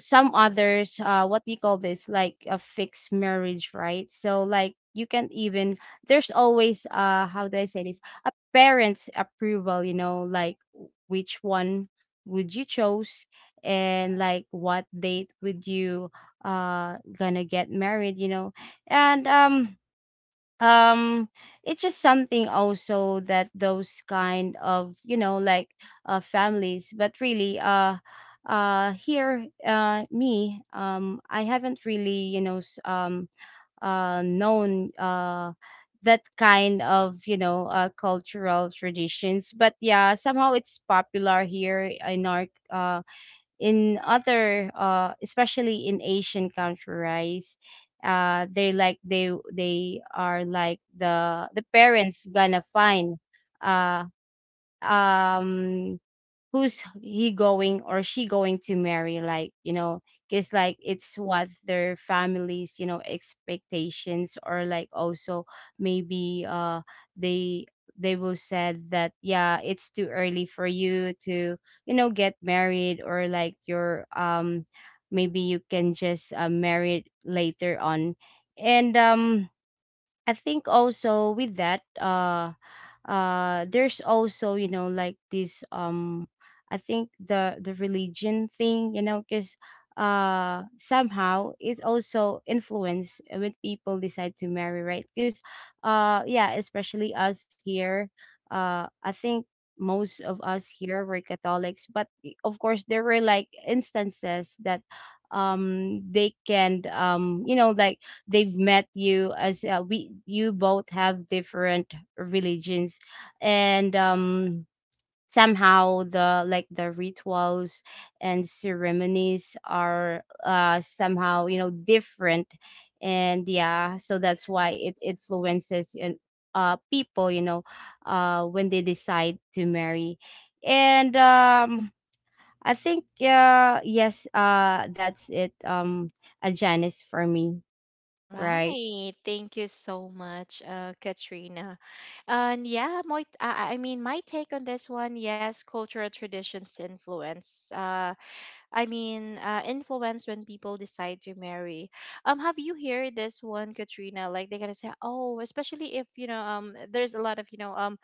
B: some others, uh what do you call this? Like a fixed marriage, right? So, like, you can't even, there's always, uh how do I say this, a parent's approval, you know like, w- which one would you chose? And, like, what date would you uh gonna get married, you know and um um it's just something also that those kind of, you know like, uh families, but really, uh uh here, uh me, um I haven't really, you know s- um uh known, uh that kind of, you know uh cultural traditions, but yeah, somehow it's popular here in our, uh, in other, uh especially in Asian countries. Uh they, like, they they are, like, the the parents gonna find, uh um who's he going, or she going to marry, like, you know because, like, it's what their families, you know expectations, or, like, also, maybe uh they they will said that, yeah, it's too early for you to, you know get married, or like you're, um maybe you can just, uh, marry later on. And um I think also with that, uh, uh, there's also, you know like, this, um, I think the the religion thing, you know, because uh somehow it also influence when people decide to marry, right? Because uh yeah, especially us here, uh I think most of us here were Catholics, but i- of course there were, like, instances that, um they can, um you know like, they've met you as, uh, we, you both have different religions, and um somehow the, like, the rituals and ceremonies are, uh somehow, you know different. And yeah, so that's why it influences, and uh people, you know uh when they decide to marry. And um I think, uh yes, uh that's it, um a Janice, for me. Right.
A: Right. Thank you so much, uh, Katrina. And yeah, my, I, I mean, my take on this one, yes, cultural traditions influence. Uh, I mean, uh, influence when people decide to marry. Um, have you heard this one, Katrina? Like they're gonna say, oh, especially if, you know, um, there's a lot of you know, um,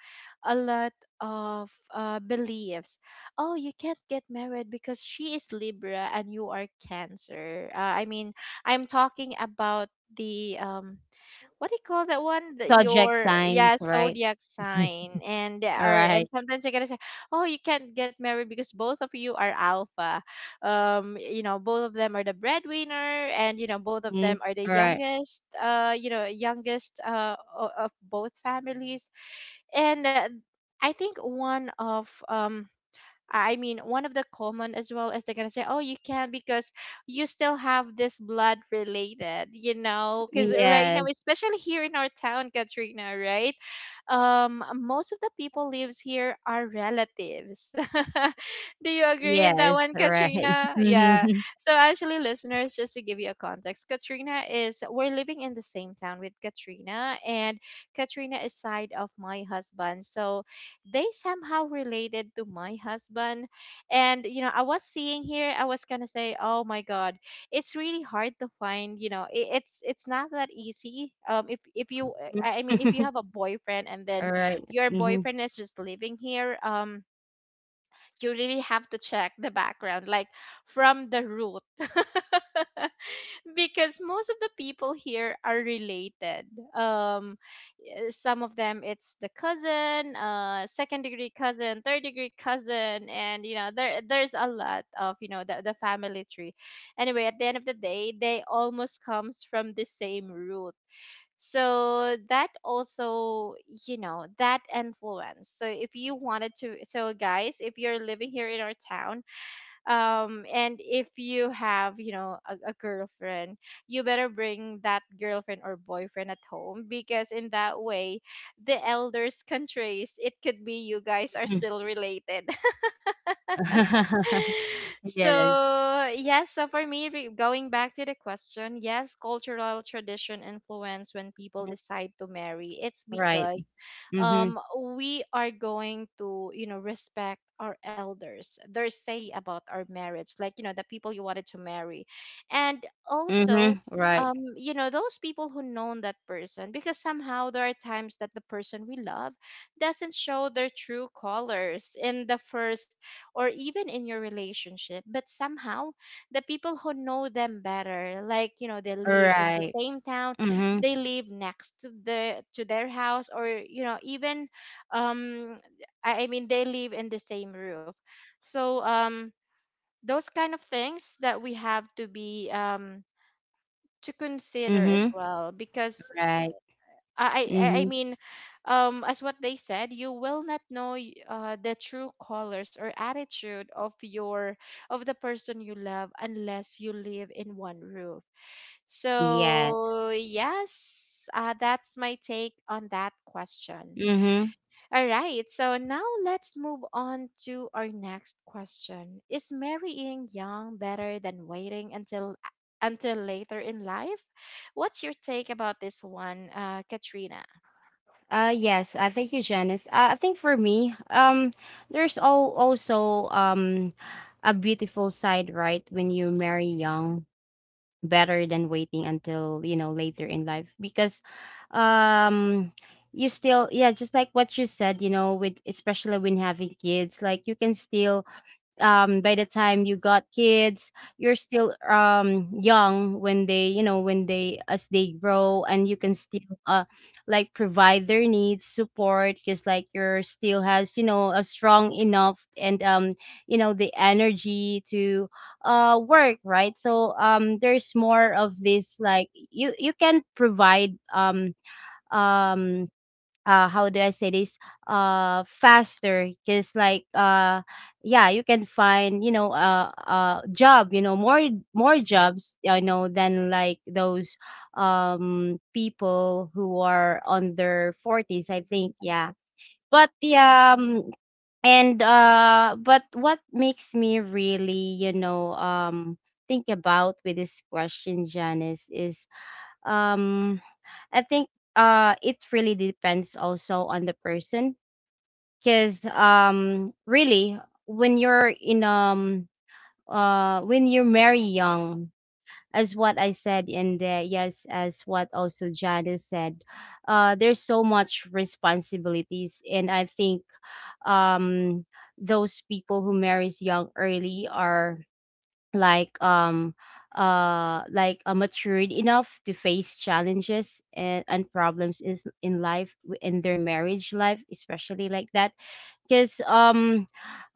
A: a lot of uh, beliefs. Oh, you can't get married because she is Libra and you are Cancer. Uh, I mean, I'm talking about the, um what do you call that one, that
B: Subject
A: your, yeah,
B: signs, right?
A: zodiac sign. and
B: All
A: or and
B: right.
A: sometimes you're gonna say, oh, you can't get married because both of you are alpha. Um you know both of them are the breadwinner, and you know both of
B: Mm,
A: them are the
B: all right.
A: youngest, uh you know youngest, uh o- of both families. And uh, I think one of, um I mean, one of the common as well is they're gonna say, "Oh, you can not because you still have this blood related," you know, because right now,
B: Yes.
A: especially here in our town, Katrina, right? Um most of the people lives here are relatives. Do you agree in that
B: Yes.
A: one,
B: All right.
A: Katrina? Yeah.
B: Mhm.
A: So actually, listeners, just to give you a context, katrina is we're living in the same town with Katrina, and Katrina is side of my husband, so they somehow related to my husband. And you know I was seeing here, I was gonna say, oh my god, it's really hard to find, you know i- it's it's not that easy. um if if you, uh, i I mean, if you
B: Mm.
A: have a boyfriend, and then
B: Right.
A: your
B: Mhm.
A: boyfriend is just living here, um you really have to check the background, like from the root. Because most of the people here are related. Um, eh, some of them, it's the cousin, uh, second degree cousin, third degree cousin, and you know there there's a lot of, you know the, the family tree. Anyway, at the end of the day, they almost comes from the same root. So that also, you know, that influence. So if you wanted to, so guys, if you're living here in our town, um and if you have, you know a, a girlfriend, you better bring that girlfriend or boyfriend at home, because in that way, the elders can trace it, could be you guys are
B: Mhm.
A: still related.
B: Yes.
A: So yes, so for me, re- going back to the question, yes, cultural tradition influence when
B: Mm,
A: people decide to marry. It's
B: right.
A: because,
B: Mhm.
A: um we are going to, you know respect our elders, their say about our marriage, like, you know the people you wanted to marry. And
B: Mhm.
A: also,
B: Right.
A: um you know those people who known that person, because somehow, there are times that the person we love doesn't show their true colors in the first, or even in your relationship, but somehow the people who know them better, like, you know they
B: All
A: live in the
B: right.
A: same town,
B: Mhm.
A: they live next to the, to their house, or you know even, um i, I mean, they live in the same roof. So, um those kind of things that we have to be, um to consider as
B: Mhm.
A: well, because
B: Right.
A: uh, I I I
B: Mhm.
A: mean, um, as what they said, you will not know y- uh, the true colors or attitude of your of the person you love unless you live in one roof.
B: Yeah.
A: So yes, uh, that's my take on that question.
B: Mhm.
A: All right, so now let's move on to our next question. Is marrying young better than waiting until, until later in life? What's your take about this one, uh, Katrina?
B: Uh yes, I thank you, Janice. Uh, I think for me, um, there's all, also, um a beautiful side, right? When you marry young, better than waiting until you know later in life because um you still, yeah, just like what you said, you know with especially when having kids, like you can still, um by the time you got kids you're still um young when they, you know when they, as they grow, and you can still uh like provide their needs, support, just like you're still has, you know a strong enough and um you know the energy to uh work, right? So um there's more of this, like you you can provide um um uh how do I say this? Uh faster because like uh yeah, you can find, you know uh uh job, you know more, more jobs, you know than like those um people who are on their forties, I think. Yeah, but yeah, um, and uh but what makes me really, you know um think about with this question, Janice, is um I think uh it really depends also on the person because um really, when you're in, um uh when you marry young, as what I said, and uh, yes, as what also Janice said, uh there's so much responsibilities, and I think um those people who marries young early are like, um uh like uh, matured enough to face challenges and, and problems in, in life, w- in their marriage life, especially like that, because um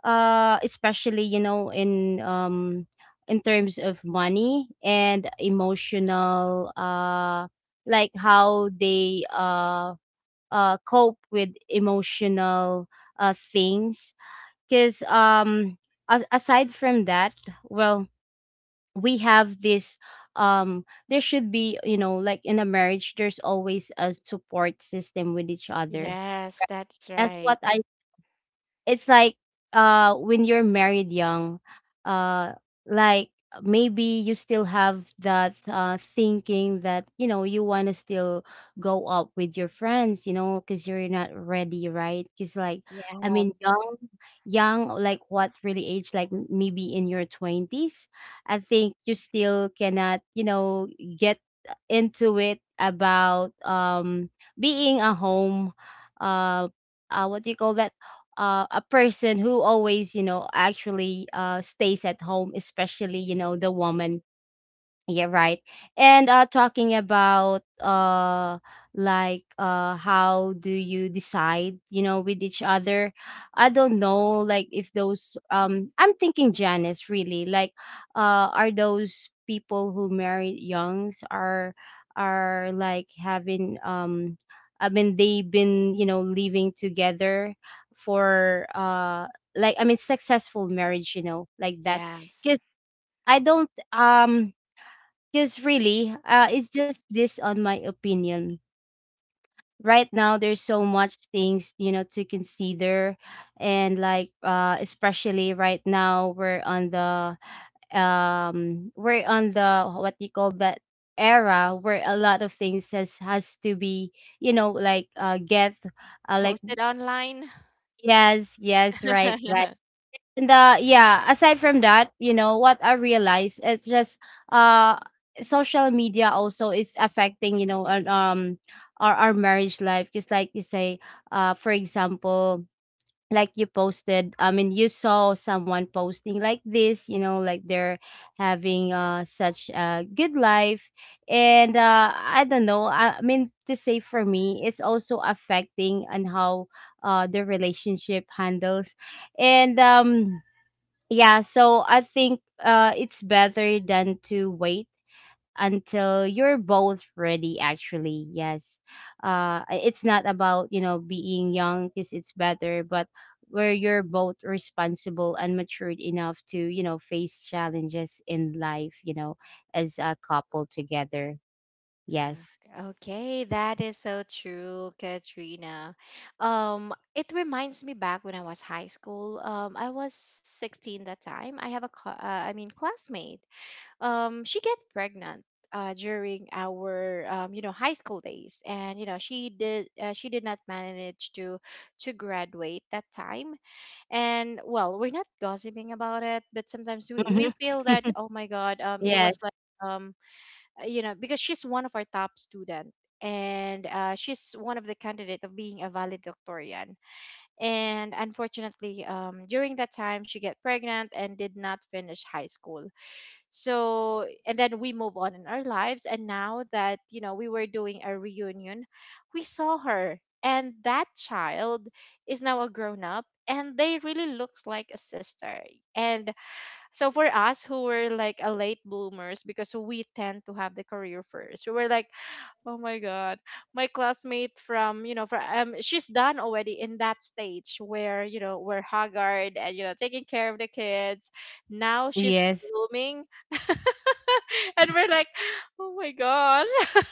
B: uh especially, you know in um in terms of money and emotional, uh like how they uh uh cope with emotional uh things, because um as- aside from that, well, we have this, um there should be, you know like in a marriage, there's always a support system with each other.
A: Yes, that's
B: That's
A: right.
B: what I, it's like, uh when you're married young, uh like, maybe you still have that uh thinking that, you know you want to still go up with your friends, you know because you're not ready, right? Because like,
A: Yeah.
B: I mean young, young, like what really age, like m- maybe in your twenties, I think you still cannot, you know get into it about um being a home, uh uh what do you call that, uh, a person who always, you know actually uh, stays at home, especially, you know the woman. Yeah, right. And uh talking about, uh like uh how do you decide, you know, with each other? I don't know, like if those, um I'm thinking, Janice, really, like uh are those people who married youngs are are like having, um I mean they've been, you know, living together for uh like, I mean, successful marriage, you know, like that.
A: Yes.
B: Because I don't, um because really, uh, it's just this on my opinion. Right now, there's so much things, you know, to consider, and like uh, especially right now, we're on the, um we're on the, what do you call that, era where a lot of things has has to be, you know, like uh get uh, like
A: Post it online.
B: yes, yes, right. And uh yeah, aside from that, you know what I realized, it's just uh social media also is affecting, you know, our, um our, our marriage life, just like you say. Uh for example, like you posted, I mean you saw someone posting like this, you know, like they're having uh such a good life. And uh I don't know, i, I mean to say, for me it's also affecting on how uh the relationship handles. And um yeah, so I think uh it's better than to wait until you're both ready, actually. Yes. Uh i- it's not about, you know, being young because it's better, but where you're both responsible and matured enough to, you know, face challenges in life, you know, as a couple together.
A: Yeah.
B: Yes.
A: Okay, that is so true, Katrina. Um, it reminds me back when I was high school. Um, I was sixteen that time. I have a, cl- uh, I mean, classmate. Um, she get pregnant. Uh, during our, um, you know high school days, and you know she did uh, she did not manage to to graduate that time. And well, we're not gossiping about it, but sometimes we, we
B: Mhm.
A: feel that, oh my god, um it
B: Yes.
A: was like, um uh, you know because she's one of our top student, and uh, she's one of the candidate of being a valedictorian. And unfortunately, um during that time, she get pregnant and did not finish high school. So and then we move on in our lives, and now that, you know we were doing a reunion, we saw her, and that child is now a grown up, and they really looks like a sister. And so for us who were like a late bloomers, because we tend to have the career first, we were like, oh my god, my classmate from you know from um, she's done already in that stage where, you know we're haggard and, you know taking care of the kids, now she's
B: Yes.
A: blooming. And we're like, oh my gosh.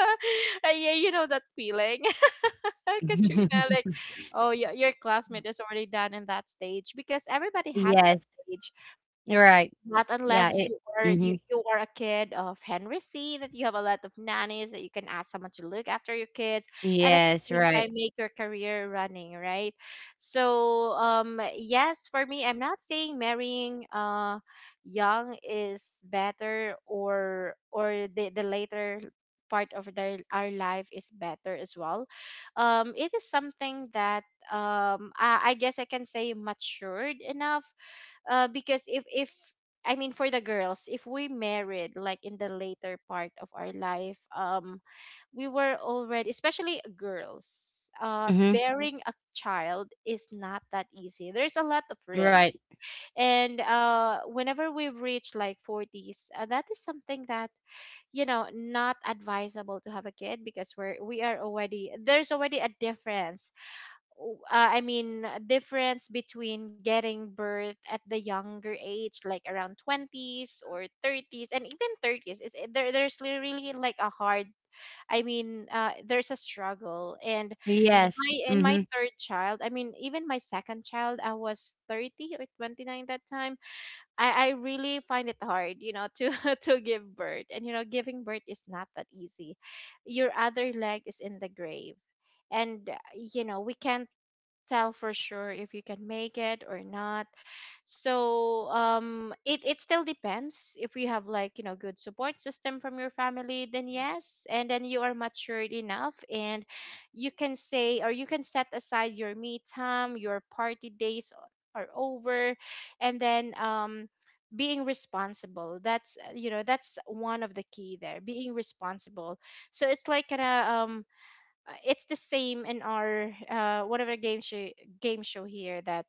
A: Uh, yeah, you know that feeling, Katrina. Like, oh, yeah, your classmate is already done in that stage because everybody has that
B: Yes.
A: stage.
B: Right.
A: Not
B: Yeah,
A: unless
B: it.
A: you are you
B: Mhm.
A: you are a kid of Henry C, that you have a lot of nannies that you can ask someone to look after your kids and at the
B: Yes,
A: same
B: right.
A: time make your career running, right? So um yes, for me, I'm not saying marrying uh young is better or or the, the later part of their our life is better as well. Um it is something that um I, I guess I can say matured enough uh, because if if I mean for the girls, if we married like in the later part of our life, um, we were already, especially girls, uh,
B: Mhm.
A: bearing a child is not that easy. There's a lot of risk,
B: Right.
A: and uh, whenever we've reached like forties, uh, that is something that you know not advisable to have a kid because we're we are already there's already a difference w- uh, I mean, uh, difference between getting birth at the younger age, like around twenties or thirties, and even thirties, is it- there, there's li- really like a hard, I mean, uh, there's a struggle. And
B: Yes.
A: my in my
B: Mhm.
A: third child, I mean, even my second child, I was thirty or twenty-nine that time. I, I really find it hard, you know, to to give birth, and you know, giving birth is not that easy. Your other leg is in the grave and uh, you know we can't tell for sure if you can make it or not. So um it it still depends. If you have like you know good support system from your family, then yes, and then you are matured enough, and you can say or you can set aside your me time, your party days are over, and then um being responsible, that's uh, you know that's one of the key there, being responsible. So it's like kind of um uh, it's the same in our uh, one of our game show game show here, that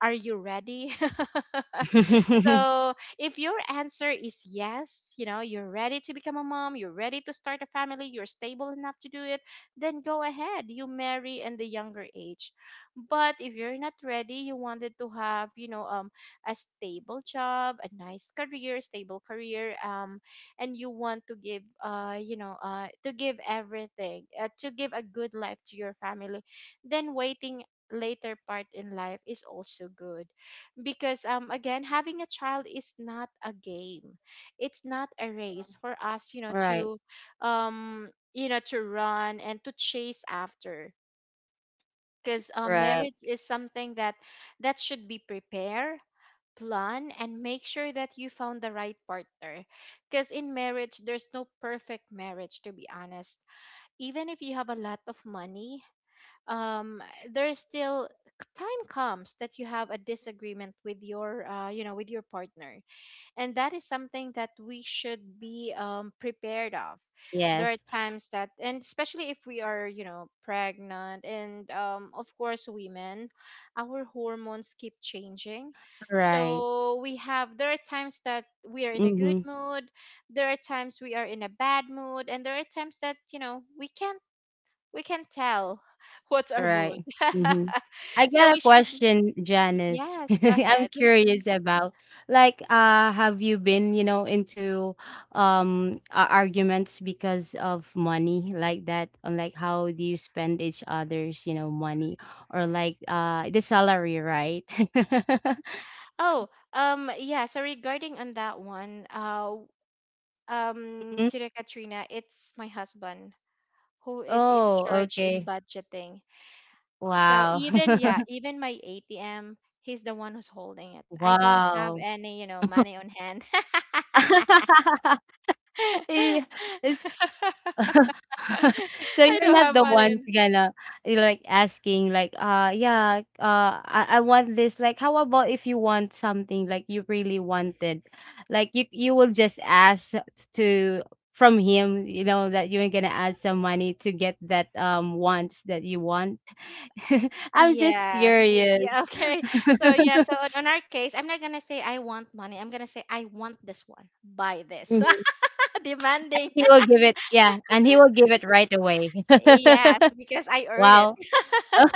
A: are you ready? So, if your answer is yes, you know, you're ready to become a mom, you're ready to start a family, you're stable enough to do it, then go ahead. You marry in the younger age. But if you're not ready, you wanted to have, you know, um, a stable job, a nice career, stable career, um, and you want to give, uh, you know, uh, to give everything, uh, to give a good life to your family, then waiting later part in life is also good, because um again, having a child is not a game. It's not a race for us, you know,
B: Right.
A: to um you know, to run and to chase after, because um,
B: Right.
A: marriage is something that that should be prepared, plan, and make sure that you found the right partner. Because in marriage there's no perfect marriage, to be honest. Even if you have a lot of money, um there's still time comes that you have a disagreement with your uh, you know with your partner, and that is something that we should be um, prepared of. There are
B: Yes.
A: times that, and especially if we are you know pregnant, and um, of course women, our hormones keep changing,
B: Right.
A: so we have, there are times that we are in a good
B: Mhm.
A: mood, there are times we are in a bad mood, and there are times that you know we can't we can tell what's our mood.
B: Right. Mhm. I
A: So
B: got a
A: we should,
B: question, Janice.
A: yes, go
B: I'm
A: ahead.
B: curious about, like uh have you been, you know, into um a- arguments because of money like that? On, like, how do you spend each other's, you know, money, or like uh the salary, right?
A: Oh, um yeah, so regarding on that one, uh um
B: Mhm.
A: to the Katrina, it's my husband who is in
B: Oh,
A: charge in
B: okay.
A: budgeting. So
B: Wow.
A: even yeah, even my A T M, he's the one who's holding it. I don't have
B: Wow.
A: any, you know, money on hand.
B: Eh, is, so
A: I
B: you're
A: don't
B: not
A: have
B: the ones
A: money.
B: gonna, eh, like asking like, uh yeah, uh I, I want this, like how about if you want something, like you really wanted, like you you will just ask to, from him, you know, that you're gonna ask some money to get that um wants that you want. I'm just
A: Yes.
B: curious.
A: Yeah, okay. So yeah, so on, on our case, I'm not gonna say I want money. I'm gonna say I want this one. Buy this. Demanding.
B: He will give it, yeah, and he will give it right away.
A: Yes, because I earn it.
B: Wow.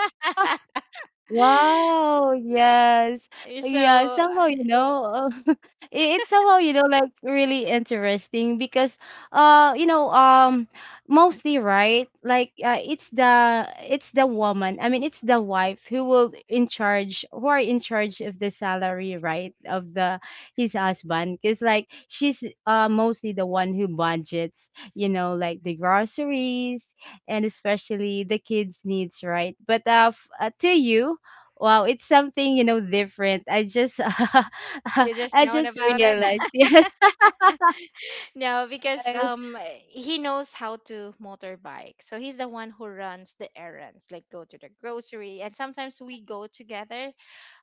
B: Wow, yes. Yeah,
A: So
B: somehow, you know, uh, it, it's somehow, you know, like really interesting, because uh, you know, um mostly, right, like uh, it's the it's the woman, I mean it's the wife, who will in charge, who are in charge of the salary, right, of the his husband. Cause like she's uh mostly the one who budgets, you know, like the groceries, and especially the kids' needs, right? But uh, f- uh to you, wow, it's something, you know, different. I just
A: you just
B: I
A: known
B: just
A: about it?
B: realized. Yes.
A: No, because
B: I,
A: um he knows how to motorbike. So he's the one who runs the errands, like go to the grocery, and sometimes we go together.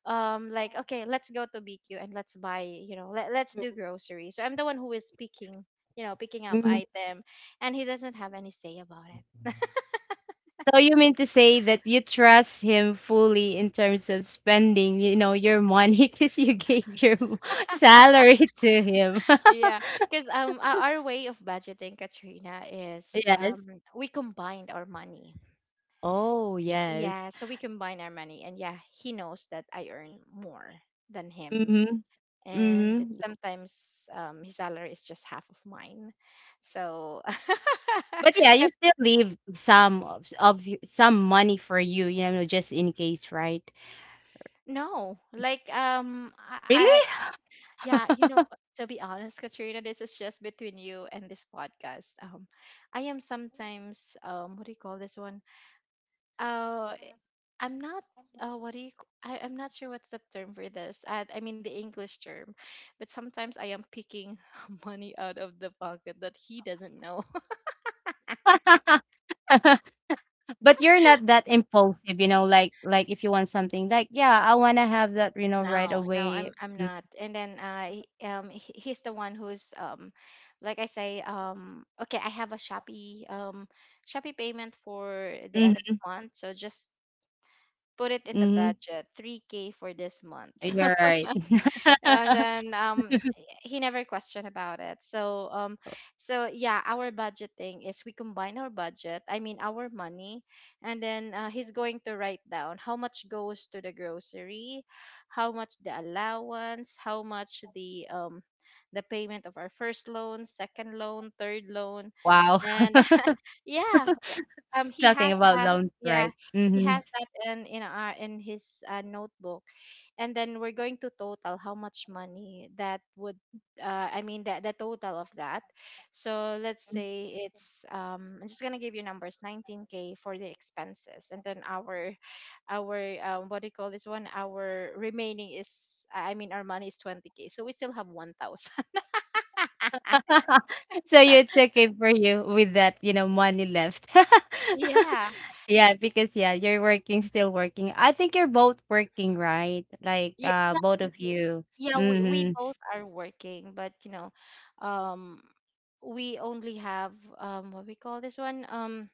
A: um Like okay, let's go to BQ and let's buy, you know, let, let's do groceries. So I'm the one who is picking, you know, picking up
B: Mhm.
A: item, and he doesn't have any say about it.
B: So you mean to say that you trust him fully in terms of spending, you know, your money, because you gave your mo- salary to him.
A: Yeah, because um our, our way of budgeting, Katrina, is um
B: Yes.
A: we combined our money.
B: Oh, yes.
A: Yeah, so we combine our money, and yeah, he knows that I earn more than him.
B: Mhm.
A: And it's
B: Mhm.
A: sometimes um, his salary is just half of mine. So
B: But yeah, you
A: Kat-
B: still leave some of, of y- some money for you, you know, just in case, right?
A: no, like um i i
B: Really?
A: yeah, you know, uh, to be honest, Katrina, this is just between you and this podcast. Um, I am sometimes um, what do you call this one? Uh, I'm not. Uh, what do you? c- I, am not sure what's the term for this. I, I mean the English term, but sometimes I am picking money out of the pocket that he doesn't know.
B: But you're not that impulsive, you know, like like if you want something like, yeah, I want to have that, you know, right
A: No, no, I'm
B: away.
A: I'm
B: Mm,
A: not. And then uh he- um he- he's the one who's um like I say um okay, I have a Shopee um Shopee payment for the end of
B: mhm,
A: the month, so just put it in the
B: mhm.
A: budget, three k for this month.
B: You're right.
A: And then um he never questioned about it, so um so yeah, our budgeting is we combine our budget, I mean our money, and then uh, he's going to write down how much goes to the grocery, how much the allowance, how much the um the payment of our first loan, second loan, third loan
B: Wow.
A: and yeah, um he
B: Talking
A: has
B: about
A: that
B: loans,
A: yeah,
B: right?
A: he
B: Mm-hmm.
A: has that in in our in his uh, notebook, and then we're going to total how much money that would uh, I mean the the total of that. So let's say it's um, I'm just gonna give you numbers, nineteen k for the expenses, and then our our um, what do you call this one? Our remaining is, I mean our money is twenty k, so we still have one thousand.
B: So you, it's okay for you with that, you know, money left.
A: Yeah,
B: Yeah, because yeah, you're working, still working. I think you're both working, right? Like
A: yeah,
B: uh
A: yeah.
B: both of you.
A: Yeah, we, we
B: Mm-hmm.
A: both are working, but you know, um, we only have um, what we call this one um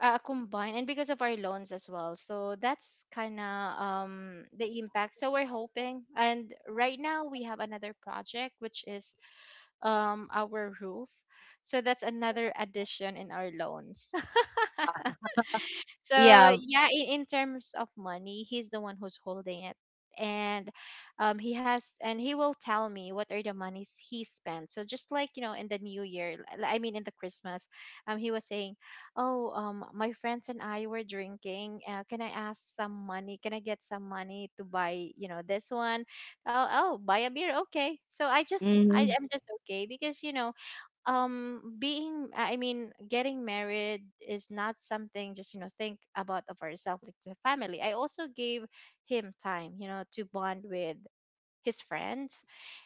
A: uh, combined, and because of our loans as well. So that's kind of um, the impact. So we're hoping. And right now we have another project, which is um, our roof. So that's another addition in our loans. So
B: Yeah.
A: yeah, in, in terms of money, he's the one who's holding it. And um, he has, and he will tell me what are the monies he spent. So just like you know, in the New Year, l- I mean, in the Christmas, um, he was saying, "Oh, um, my friends and I were drinking. Uh, can I ask some money? Can I get some money to buy, you know, this one? Oh, oh, buy a beer, okay." So I just, I
B: Mm-hmm.
A: am just okay because you know, um being I mean getting married is not something just you know think about of ourselves, like the family. I also gave him time, you know, to bond with his friends,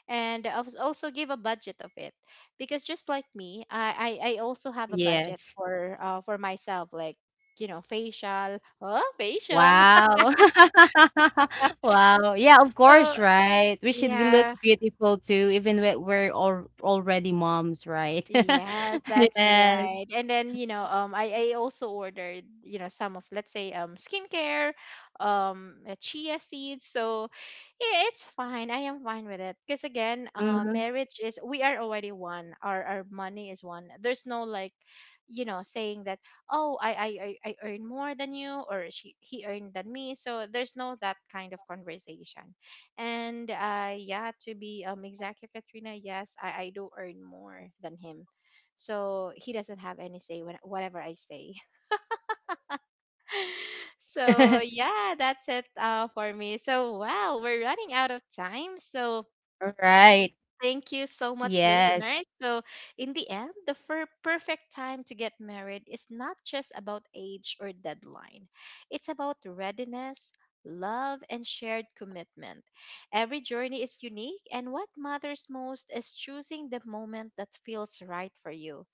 A: and I was also give a budget of it, because just like me i i, I also have a budget
B: Yes.
A: for uh for myself, like you know, facial, oh, facial.
B: Wow. Wow. Yeah, of
A: So
B: course, right? We should be look
A: yeah.
B: beautiful too, even when we're all already moms, right?
A: Yes, that's
B: Yes.
A: right. And then, you know, um I, I also ordered, you know, some of, let's say, um skincare, um uh, chia seeds. So yeah, it's fine. I am fine with it. Because again, uh,
B: Mm-hmm.
A: marriage is we are already one. Our our money is one. There's no like, you know, saying that, oh, I I I I earn more than you, or she he earned than me. So there's no that kind of conversation. And uh, yeah, to be um exact here, Katrina, yes, I, I do earn more than him. So he doesn't have any say when whatever I say. So yeah, that's it uh, for me. So wow, we're running out of time. So
B: Right.
A: thank you so much,
B: Yes.
A: listeners. So, in the end, the fir- perfect time to get married is not just about age or deadline, it's about readiness, love, and shared commitment. Every journey is unique, and what matters most is choosing the moment that feels right for you.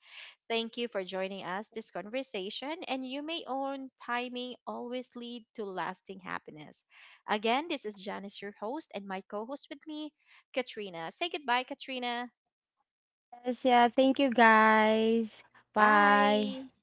A: Thank you for joining us this conversation, and you may own timing always lead to lasting happiness. Again, this is Janice, your host, and my co-host with me, Katrina. Say goodbye, Katrina.
B: Yes, yeah. Thank you guys.
A: Bye.
B: Bye.